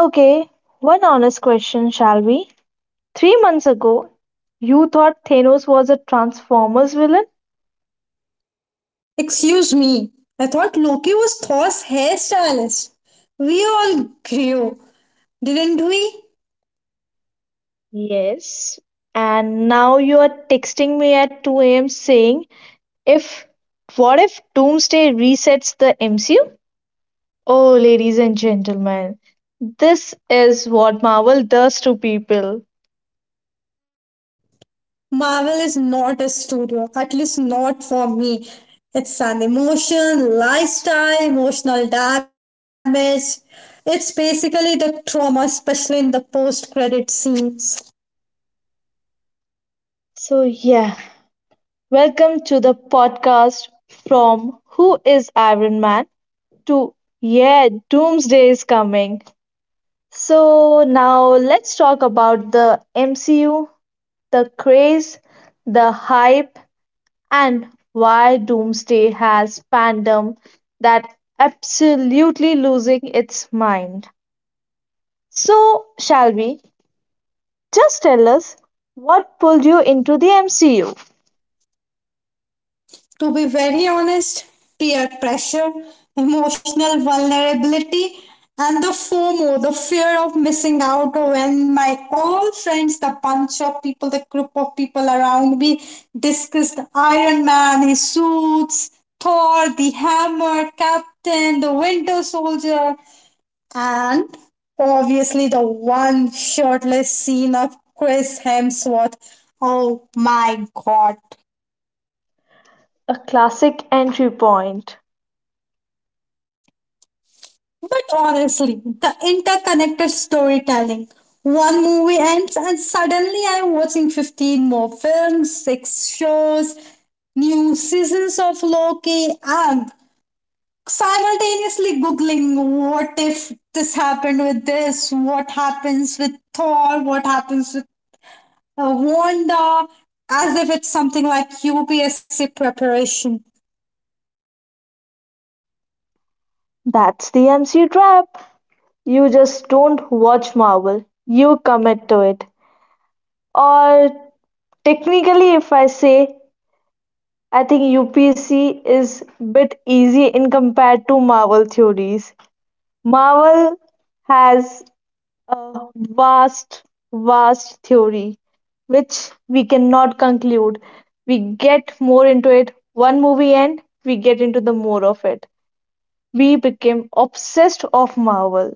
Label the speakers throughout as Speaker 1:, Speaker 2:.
Speaker 1: Okay, one honest question, shall we? 3 months ago, you thought Thanos was a Transformers villain.
Speaker 2: Excuse me, I thought Loki was Thor's hairstylist. We all grew, didn't we?
Speaker 1: Yes. And now you are texting me at 2 a.m. saying, if what if Doomsday resets the MCU? Oh, ladies and gentlemen, this is what Marvel does to people.
Speaker 2: Marvel is not a studio, at least not for me. It's an emotion, lifestyle, emotional damage. It's basically the trauma, especially in the post credit scenes.
Speaker 1: So, yeah, welcome to the podcast from "Who is Iron Man" to, yeah, "Doomsday is Coming." So now let's talk about the MCU, the craze, the hype, and why Doomsday has fandom that absolutely losing its mind. So, shall we? Just tell us what pulled you into the MCU?
Speaker 2: You. To be very honest, peer pressure, emotional vulnerability, and the FOMO, the fear of missing out, when my old friends, the bunch of people, the group of people around me discussed Iron Man, his suits, Thor, the hammer, Captain, the Winter Soldier, and obviously the one shirtless scene of Chris Hemsworth. Oh my god.
Speaker 1: A classic entry point.
Speaker 2: But honestly, the interconnected storytelling. One movie ends, and suddenly I'm watching 15 more films, six shows, new seasons of Loki, and simultaneously Googling what if this happened with this, what happens with Thor, what happens with Wanda, as if it's something like UPSC preparation.
Speaker 1: That's the MCU trap. You just don't watch Marvel, you commit to it. Or technically, if I say I think UPSC is bit easy in compared to Marvel theories. Marvel has a vast, vast theory which we cannot conclude. We get more into it one movie and we get into the more of it. We became obsessed of Marvel.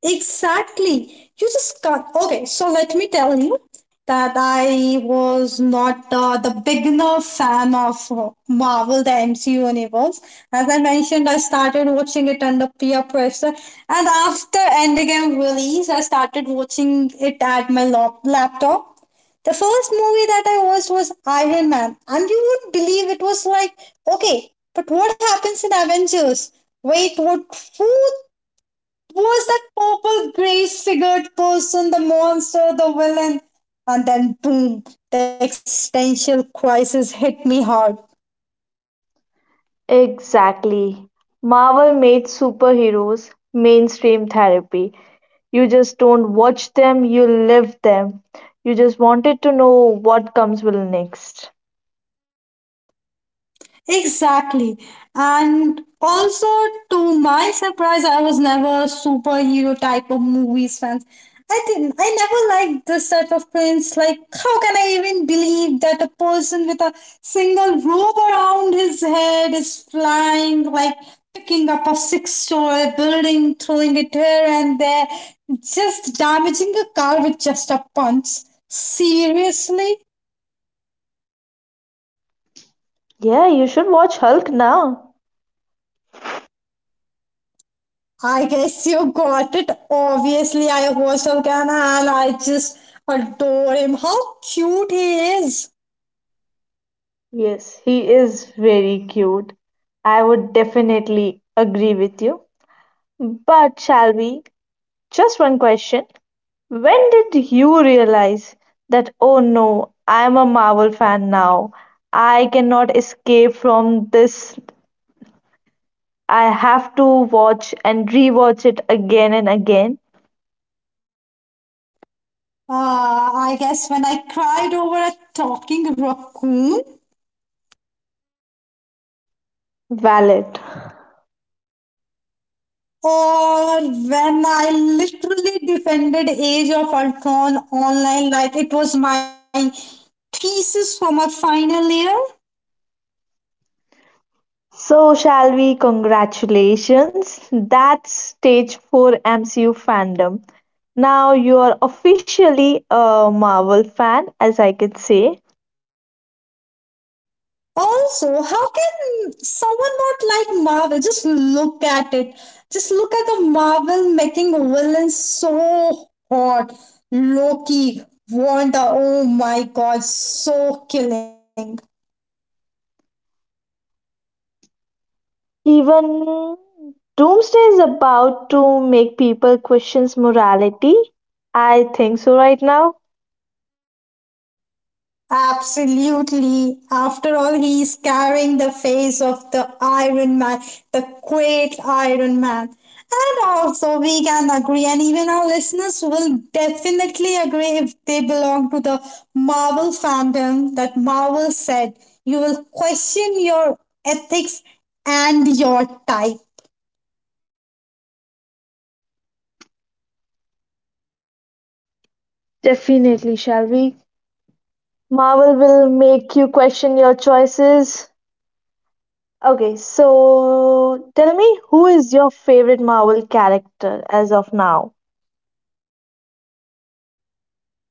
Speaker 2: Exactly. You just can't. Okay, so let me tell you that I was not the beginner fan of Marvel, the MCU universe. As I mentioned, I started watching it under peer pressure, and after Endgame release, I started watching it at my laptop. The first movie that I watched was Iron Man, and you wouldn't believe it was like, okay, but what happens in Avengers? Wait, what? Who was that purple grey figured person, the monster, the villain? And then boom, the existential crisis hit me hard.
Speaker 1: Exactly. Marvel made superheroes mainstream therapy. You just don't watch them, you live them. You just wanted to know what comes will next.
Speaker 2: Exactly. And also, to my surprise, I was never a superhero type of movies fans. I didn't. I never liked this type of films. Like, how can I even believe that a person with a single rope around his head is flying, like picking up a six-story building, throwing it here and there, just damaging a car with just a punch? Seriously?
Speaker 1: Yeah, you should watch Hulk now.
Speaker 2: I guess you got it. Obviously, I watched Arcana and I just adore him. How cute he is.
Speaker 1: Yes, he is very cute. I would definitely agree with you. But shall we? Just one question. When did you realize that, oh no, I'm a Marvel fan now? I cannot escape from this. I have to watch and rewatch it again and again.
Speaker 2: I guess when I cried over a talking raccoon,
Speaker 1: Valid.
Speaker 2: or when I literally defended Age of Ultron online like it was my thesis for my final year.
Speaker 1: So shall we, congratulations, that's stage 4 MCU fandom. Now you are officially a Marvel fan, as I could say.
Speaker 2: Also, how can someone not like Marvel? Just look at it. Just look at the Marvel making villains so hot. Loki, Wanda, oh my god, so killing.
Speaker 1: Even Doomsday is about to make people question morality. I think so right now.
Speaker 2: Absolutely. After all, he is carrying the face of the Iron Man, the great Iron Man. And also, we can agree, and even our listeners will definitely agree if they belong to the Marvel fandom, that Marvel said, you will question your ethics and your type.
Speaker 1: Definitely, shall we? Marvel will make you question your choices. Okay, so tell me, who is your favorite Marvel character as of now?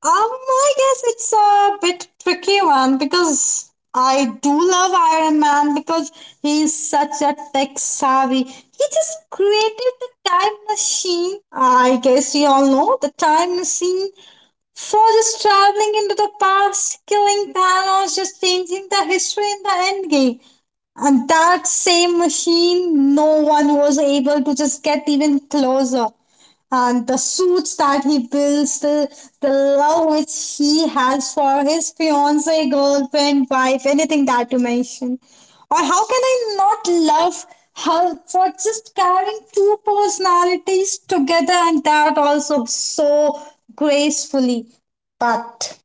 Speaker 2: I guess it's a bit tricky one because I do love Iron Man because he's such a tech savvy. He just created the time machine. I guess you all know the time machine for just traveling into the past, killing Thanos, just changing the history in the end game. And that same machine, no one was able to just get even closer, and the suits that he builds, the love which he has for his fiancee, girlfriend, wife, anything that you mention. Or how can I not love her for just carrying two personalities together and that also so gracefully? But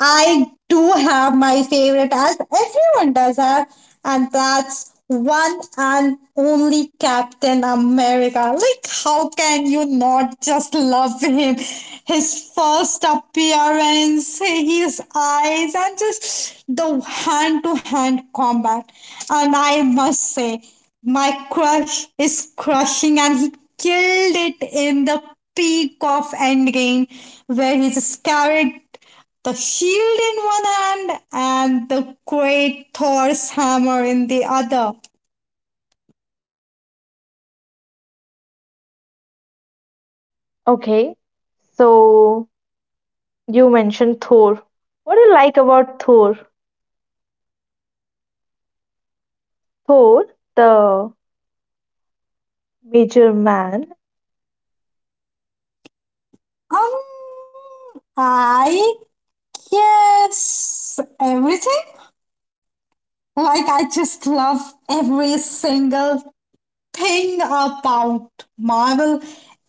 Speaker 2: I do have my favorite, as everyone does have, and that's one and only Captain America. Like, how can you not just love him? His first appearance, his eyes, and just the hand to hand combat. And I must say, my crush is crushing, and he killed it in the peak of Endgame, where he just carried the shield in one hand and the great Thor's hammer in the other.
Speaker 1: Okay, so you mentioned Thor. What do you like about Thor? Thor, the major man.
Speaker 2: Um, I guess everything. Like, I just love every single thing about Marvel.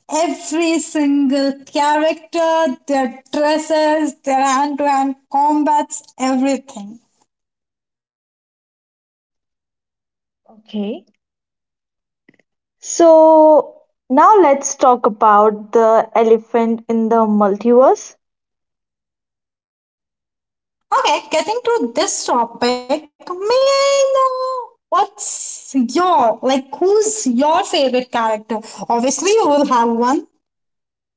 Speaker 2: Every single character, their dresses, their hand to hand combats, everything.
Speaker 1: Okay, so now let's talk about the elephant in the multiverse.
Speaker 2: Okay, getting to this topic, may I know what's your, like, who's your favorite character? Obviously, you will have one.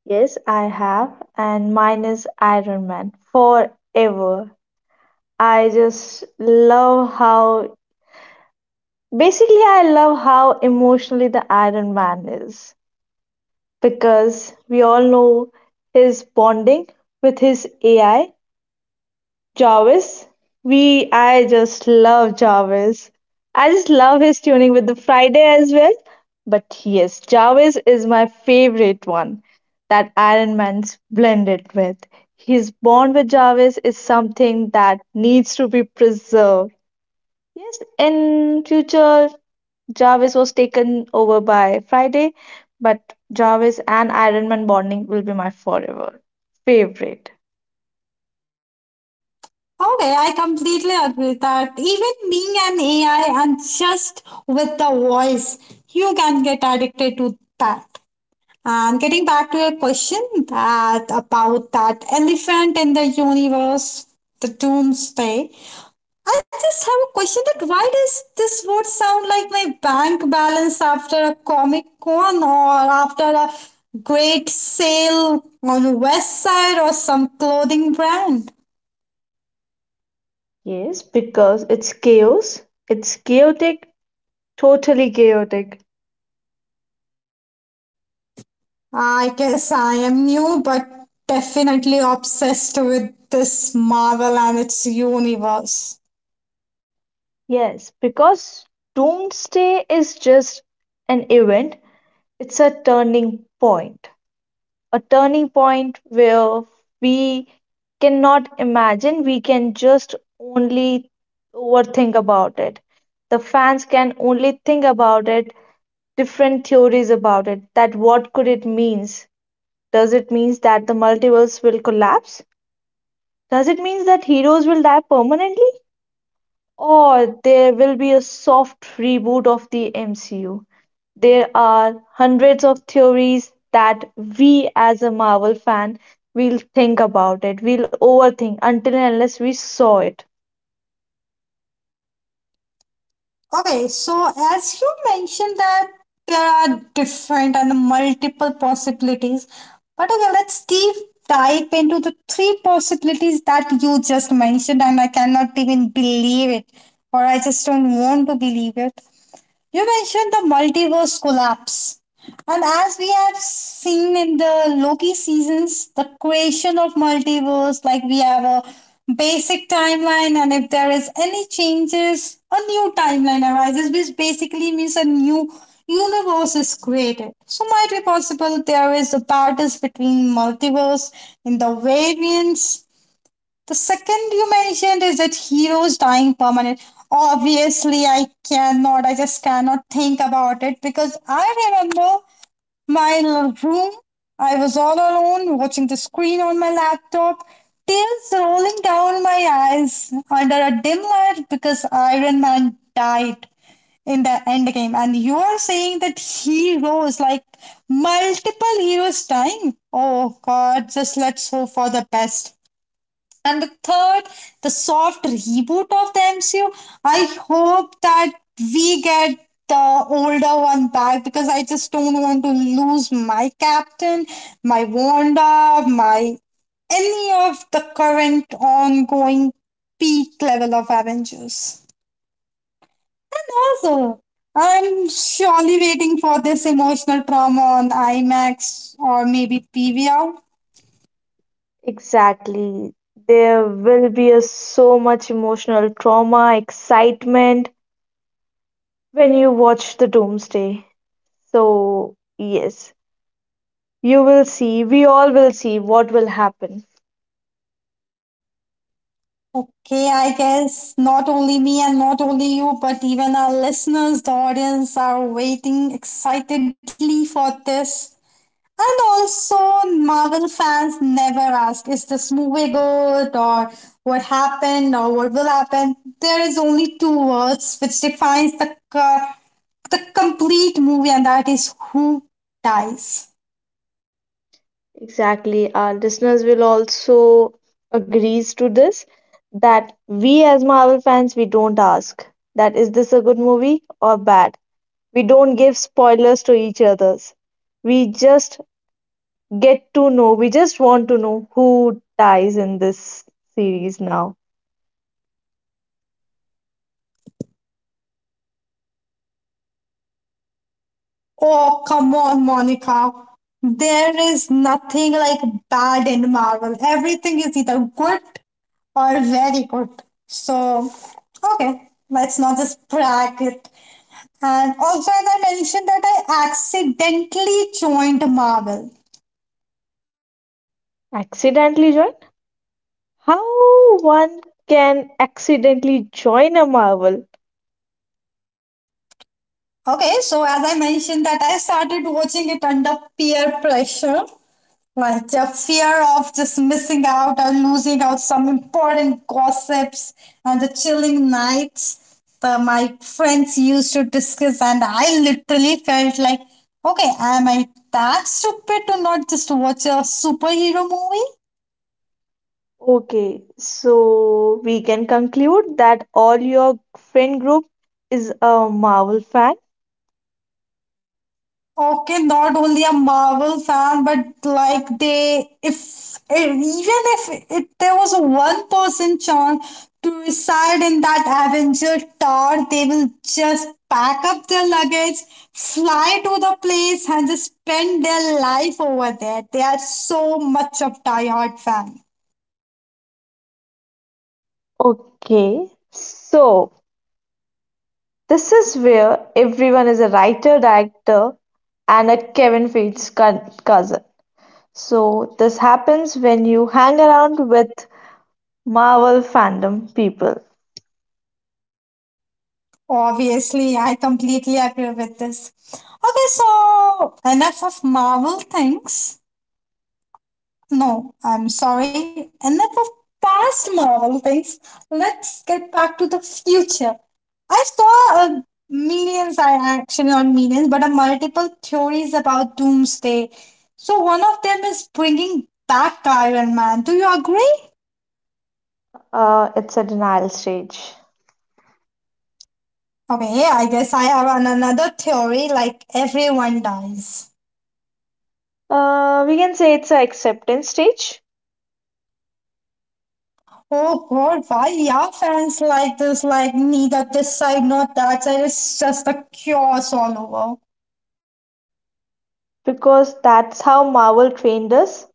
Speaker 1: Yes, I have, and mine is Iron Man forever. I just love how, basically, I love how emotionally the Iron Man is. Because we all know his bonding with his AI, Jarvis. We I just love Jarvis. I just love his tuning with the Friday as well. But yes, Jarvis is my favorite one that Iron Man's blended with. His bond with Jarvis is something that needs to be preserved. Yes, in future Jarvis was taken over by Friday, but Jarvis and Iron Man bonding will be my forever favorite.
Speaker 2: Okay, I completely agree that even being an AI and just with the voice, you can get addicted to that. And getting back to your question, that about that elephant in the universe, the doomsday. I just have a question that why does this word sound like my bank balance after a comic con or after a great sale on the west side or some clothing brand?
Speaker 1: Yes, because it's chaos. It's chaotic, totally chaotic.
Speaker 2: I guess I am new but definitely obsessed with this Marvel and its universe.
Speaker 1: Yes, because Doomsday is just an event, it's a turning point. A turning point where we cannot imagine, we can just only overthink about it. The fans can only think about it, different theories about it, that what could it means? Does it means that the multiverse will collapse? Does it means that heroes will die permanently? Or there will be a soft reboot of the MCU. There are hundreds of theories that we as a Marvel fan will think about it. We'll overthink until and unless we saw it.
Speaker 2: Okay, so as you mentioned that there are different and multiple possibilities, but okay, let's deep dive into the three possibilities that you just mentioned, and I cannot even believe it, or I just don't want to believe it. You mentioned the multiverse collapse. And as we have seen in the Loki seasons, the creation of multiverse, like we have a basic timeline, and if there is any changes, a new timeline arises, which basically means a new universe is created. So might be possible there is a battles between multiverse in the variants. The second you mentioned is that heroes dying permanent. Obviously, I cannot. I just cannot think about it because I remember my room. I was all alone watching the screen on my laptop, tears rolling down my eyes under a dim light because Iron Man died in the end game. And you are saying that heroes, like multiple heroes dying? Oh god, just let's hope for the best. And the third, the soft reboot of the MCU. I hope that we get the older one back because I just don't want to lose my captain, my Wanda, my any of the current ongoing peak level of Avengers. Also, I'm surely waiting for this emotional trauma on IMAX or maybe PVR.
Speaker 1: Exactly. There will be a, so much emotional trauma, excitement when you watch the Doomsday. So, yes, you will see, we all will see what will happen.
Speaker 2: Okay, I guess not only me and not only you, but even our listeners, the audience, are waiting excitedly for this. And also, Marvel fans never ask, is this movie good or what happened or what will happen? There is only two words which defines the complete movie, and that is who dies.
Speaker 1: Exactly. Our listeners will also agrees to this that we as Marvel fans, we don't ask that is this a good movie or bad. We don't give spoilers to each others. We just get to know. We just want to know who dies in this series now.
Speaker 2: Oh, come on, Monica. There is nothing like bad in Marvel. Everything is either good or very good. So, okay, let's not just brag it. And also, as I mentioned, that I accidentally joined Marvel.
Speaker 1: Accidentally join? How one can accidentally join a Marvel.
Speaker 2: Okay, so as I mentioned, that I started watching it under peer pressure. Like the fear of just missing out or losing out some important gossips and the chilling nights that my friends used to discuss, and I literally felt like, okay, am I that stupid to not just watch a superhero movie?
Speaker 1: Okay, so we can conclude that all your friend group is a Marvel fan.
Speaker 2: Okay, not only a Marvel fan, but like they, if even if it, there was a one person chance to reside in that Avenger tower, they will just pack up their luggage, fly to the place, and just spend their life over there. They are so much of diehard fan.
Speaker 1: Okay, so this is where everyone is a writer, director, and a Kevin Feige cousin. So this happens when you hang around with Marvel fandom people.
Speaker 2: Obviously, I completely agree with this. Okay, so enough of Marvel things. No, I'm sorry. Enough of past Marvel things. Let's get back to the future. I saw a millions, I actually not millions, but a multiple theories about Doomsday. So one of them is bringing back Iron Man. Do you agree?
Speaker 1: It's a denial stage.
Speaker 2: Okay, I guess I have an, another theory like everyone dies.
Speaker 1: We can say it's a acceptance stage
Speaker 2: Oh god, why yeah, fans like this? Like neither this side nor that side. It's just a chaos all over.
Speaker 1: because that's how Marvel trained us.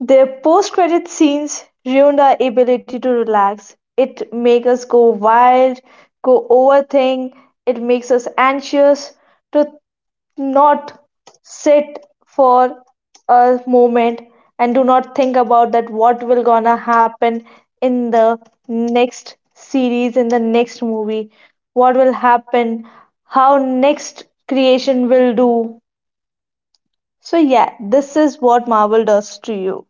Speaker 1: Their post-credit scenes ruined our ability to relax. It makes us go wild, go overthink. It makes us anxious to not sit for a moment and do not think about that what will gonna happen in the next series, in the next movie, what will happen, how next creation will do. So yeah, this is what Marvel does to you.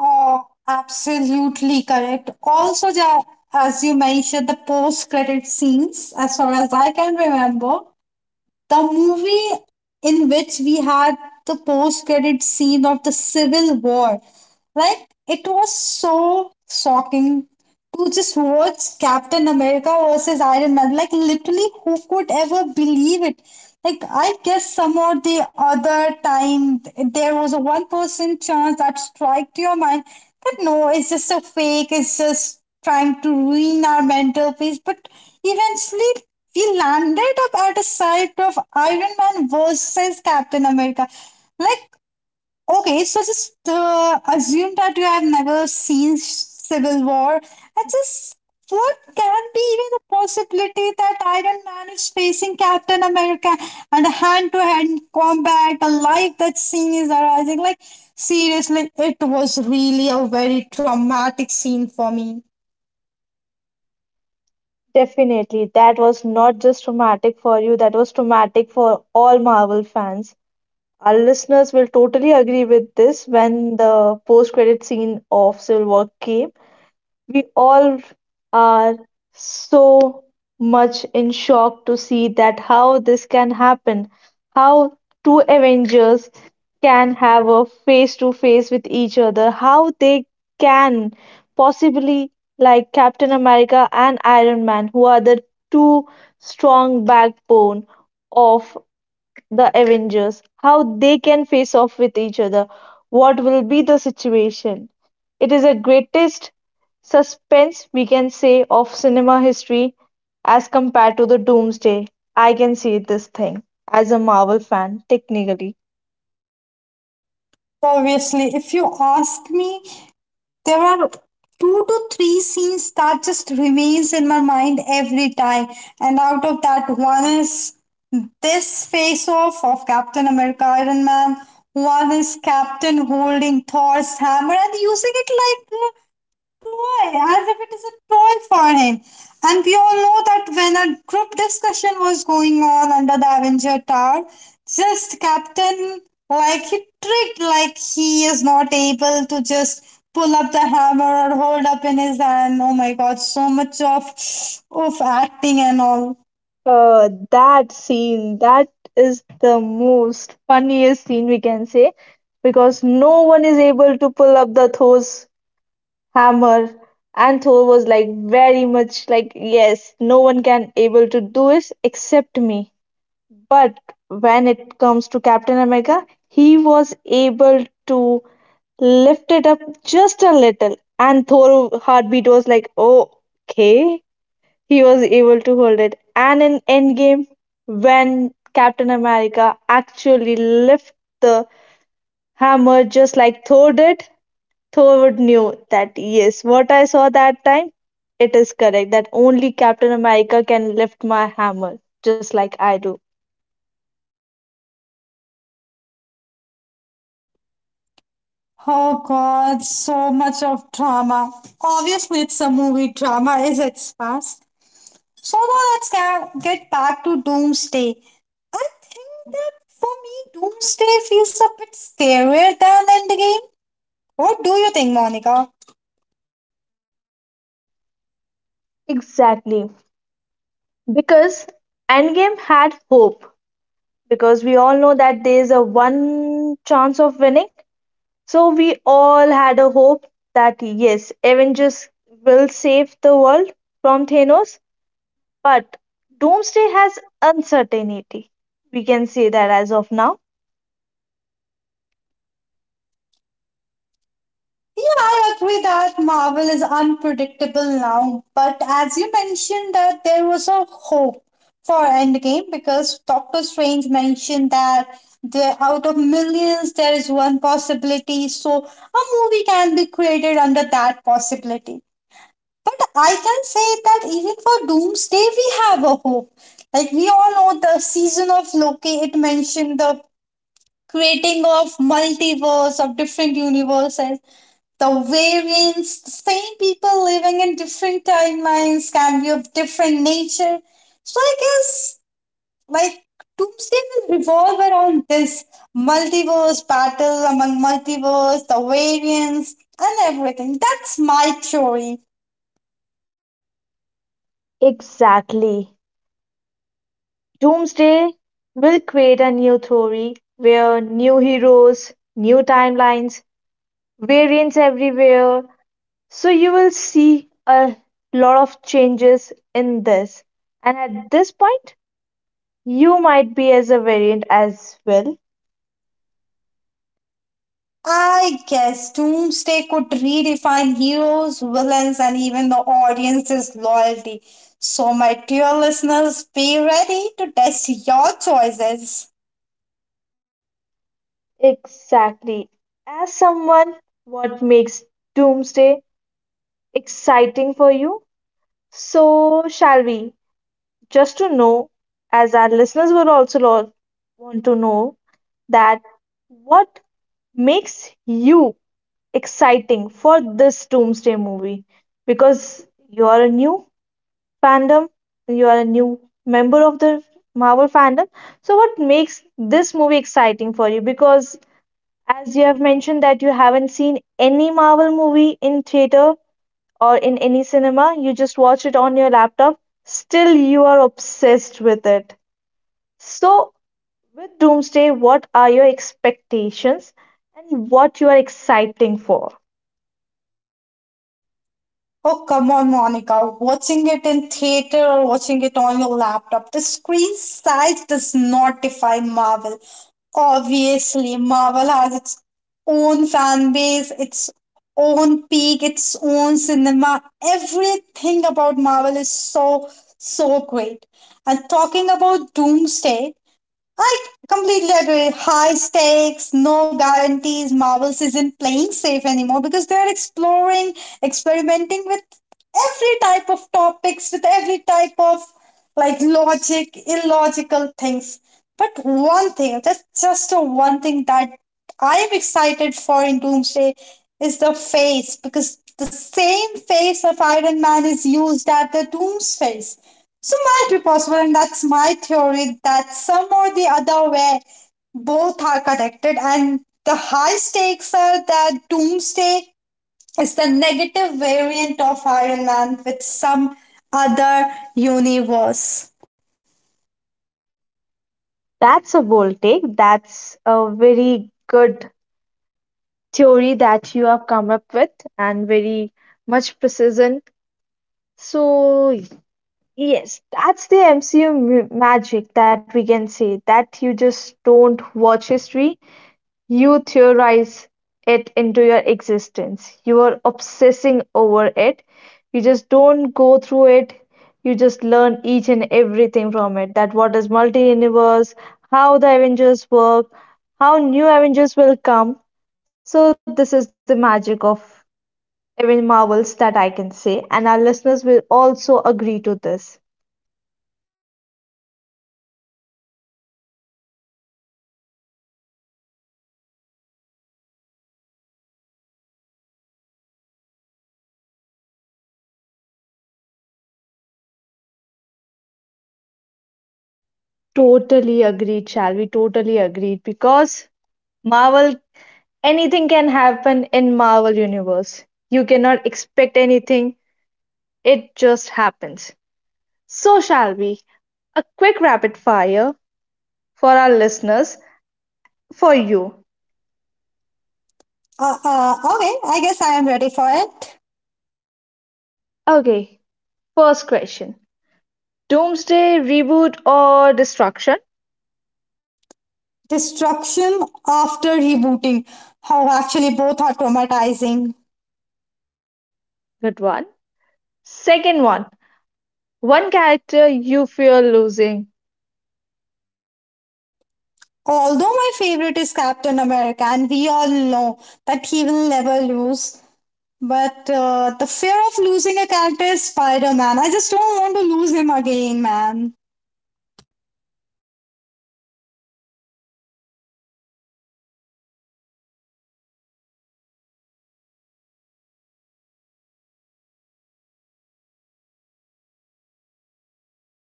Speaker 2: Oh, absolutely correct. Also, ja, as you mentioned, the post-credit scenes, as far as I can remember, the movie in which we had the post-credit scene of the Civil War, like it was so shocking to just watch Captain America versus Iron Man. Like literally, who could ever believe it? Like I guess some or the other time there was a 1% chance that strike to your mind, but no, it's just a fake. It's just trying to ruin our mental peace. But eventually, we landed up at a site of Iron Man versus Captain America. Like, okay, so just assume that you have never seen Civil War, and just what can be even a possibility that Iron Man is facing Captain America and a hand-to-hand combat, a life that scene is arising? Like seriously, it was really a very traumatic scene for me.
Speaker 1: Definitely, that was not just traumatic for you, that was traumatic for all Marvel fans. Our listeners will totally agree with this when the post-credit scene of Civil War came. We all are so much in shock to see that how this can happen, how two Avengers can have a face to face with each other, how they can possibly like Captain America and Iron Man, who are the two strong backbone of the Avengers, how they can face off with each other, what will be the situation. It is the greatest suspense we can say of cinema history as compared to the Doomsday. I can see this thing as a Marvel fan, technically.
Speaker 2: Obviously, if you ask me, there are two to three scenes that just remains in my mind every time, and out of that, one is this face off of Captain America Iron Man. One is Captain holding Thor's hammer and using it like a toy, as if it is a toy for him. And we all know that when a group discussion was going on under the Avenger Tower, just Captain, like he tricked, like he is not able to just pull up the hammer or hold up in his hand. Oh my god, so much of acting and all.
Speaker 1: That scene, that is the most funniest scene we can say because no one is able to pull up the Thor's hammer, and Thor was like, very much like, yes, no one can able to do this except me. But when it comes to Captain America, he was able to lift it up just a little, and Thor heartbeat was like, oh, okay, he was able to hold it. And in Endgame, when Captain America actually lift the hammer just like Thor did, Thor knew that yes, what I saw that time, it is correct that only Captain America can lift my hammer just like I do.
Speaker 2: Oh God, so much of drama. Obviously, it's a movie. Drama is its past. So now let's get back to Doomsday. I think that for me, Doomsday feels a bit scarier than Endgame. What do you think, Monica?
Speaker 1: Exactly. Because Endgame had hope. Because we all know that there is a one chance of winning. So we all had a hope that yes, Avengers will save the world from Thanos. But Doomsday has uncertainty. We can say that as of now.
Speaker 2: Yeah, I agree that Marvel is unpredictable now, but as you mentioned that there was a hope for Endgame because Doctor Strange mentioned that there out of millions there is one possibility, so a movie can be created under that possibility. But I can say that even for Doomsday we have a hope. Like we all know the season of Loki, it mentioned the creating of multiverse of different universes, the variance, the same people living in different timelines can be of different nature. So I guess like Doomsday will revolve around this multiverse battle among multiverse, the variance, and everything. That's my theory.
Speaker 1: Exactly. Doomsday will create a new story where new heroes, new timelines, variants everywhere. So you will see a lot of changes in this. And at this point, you might be as a variant as well.
Speaker 2: I guess Doomsday could redefine heroes, villains, and even the audience's loyalty. So, my dear listeners, be ready to test your choices.
Speaker 1: Exactly. As someone, what makes Doomsday exciting for you? So, shall we? Just to know, as our listeners will also want to know, that what makes you exciting for this Doomsday movie? Because you are a new fandom, you are a new member of the Marvel fandom. So, what makes this movie exciting for you? Because as you have mentioned that you haven't seen any Marvel movie in theater or in any cinema, you just watch it on your laptop, still you are obsessed with it. So, with Doomsday, what are your expectations and what you are exciting for?
Speaker 2: Oh, come on, Monica. Watching it in theater or watching it on your laptop, the screen size does not define Marvel. Obviously, Marvel has its own fan base, its own peak, its own cinema. Everything about Marvel is so, so great. And talking about Doomsday, I completely agree. High stakes, no guarantees. Marvels isn't playing safe anymore because they're exploring, experimenting with every type of topics, with every type of like logic, illogical things. But one thing, just a one thing that I am excited for in Doomsday is the face because the same face of Iron Man is used at the Doom's face. So might be possible, and that's my theory, that some or the other way, both are connected, and the high stakes are that Doomsday is the negative variant of Iron Man with some other universe.
Speaker 1: That's a bold take. That's a very good theory that you have come up with, and very much precision. So, yes, that's the MCU magic that we can say that you just don't watch history, you theorize it into your existence. You are obsessing over it. You just don't go through it. You just learn each and everything from it. That what is multi universe, how the Avengers work, how new Avengers will come. So this is the magic of even Marvels that I can say, and our listeners will also agree to this.
Speaker 2: Oh, you just forget one thing, and crying together when Marvel ignores all theories and comes with a new blunder.
Speaker 1: Totally agreed, shall we? Totally agreed because Marvel, anything can happen in Marvel Universe. You cannot expect anything. It just happens. So shall we? A quick rapid fire for our listeners, for you.
Speaker 2: Okay, I guess I am ready for it.
Speaker 1: Okay, first question. Doomsday, reboot or destruction?
Speaker 2: Destruction after rebooting. How actually both are traumatizing.
Speaker 1: Good one. Second one. One character you fear losing.
Speaker 2: Although my favorite is Captain America, and we all know that he will never lose. But the fear of losing a character is Spider Man. I just don't want to lose him again, man.
Speaker 1: Exactly, the boy has suffered enough. Correctly. Totally agree with you. Okay, the third question is MCO addiction level that you have.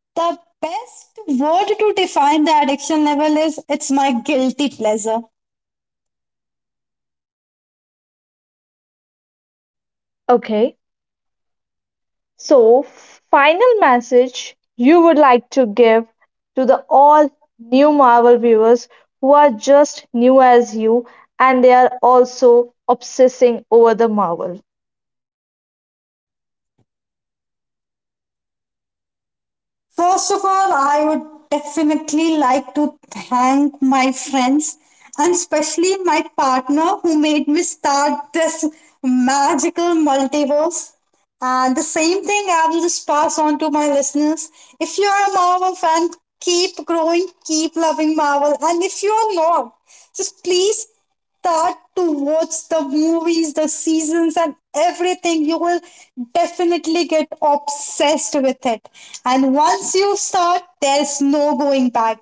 Speaker 2: The best word to define the addiction level is it's my guilty pleasure.
Speaker 1: Okay. So, final message you would like to give to the all new Marvel viewers who are just new as you and they are also obsessing over the Marvel.
Speaker 2: First of all, I would definitely like to thank my friends and especially my partner who made me start this magical multiverse. And the same thing I will just pass on to my listeners. If you are a Marvel fan, keep growing, keep loving Marvel. And if you are not, just please start to watch the movies, the seasons, and everything, you will definitely get obsessed with it. And once you start, there's no going back.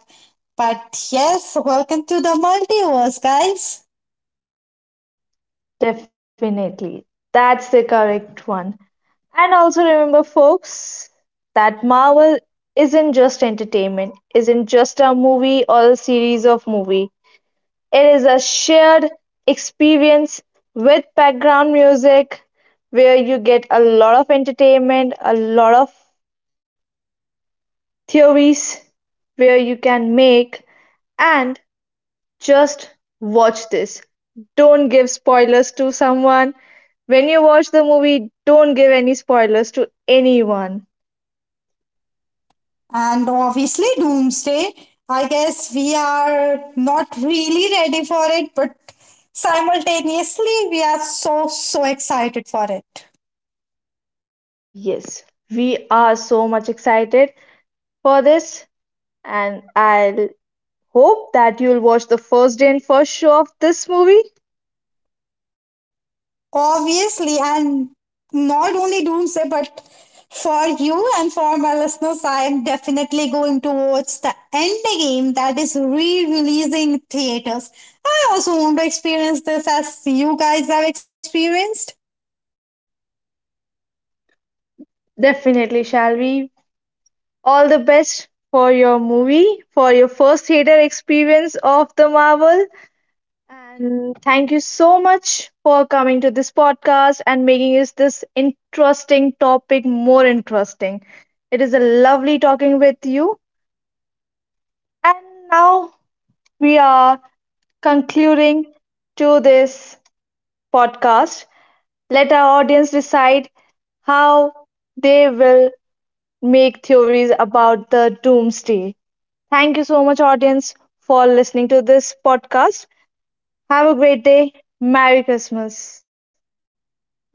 Speaker 2: But yes, welcome to the multiverse, guys.
Speaker 1: Definitely. That's the correct one. And also remember, folks, that Marvel isn't just entertainment, isn't just a movie or a series of movie. It is a shared experience with background music where you get a lot of entertainment, a lot of theories where you can make and just watch this. Don't give spoilers to someone. When you watch the movie, don't give any spoilers to anyone.
Speaker 2: And obviously, Doomsday. I guess we are not really ready for it, but simultaneously, we are so, so excited for it.
Speaker 1: Yes, we are so much excited for this, and I will hope that you'll watch the first day and first show of this movie.
Speaker 2: Obviously, and not only Doomsday, but for you and for my listeners, I am definitely going to watch the Endgame that is re-releasing in theaters. I also want to experience this as you guys have experienced.
Speaker 1: Definitely, shall we? All the best for your movie, for your first theater experience of the Marvel. And thank you so much for coming to this podcast and making us this interesting topic more interesting. It is a lovely talking with you. And now we are concluding to this podcast. Let our audience decide how they will make theories about the Doomsday. Thank you so much, audience, for listening to this podcast. Have a great day. Merry Christmas. Bye bye.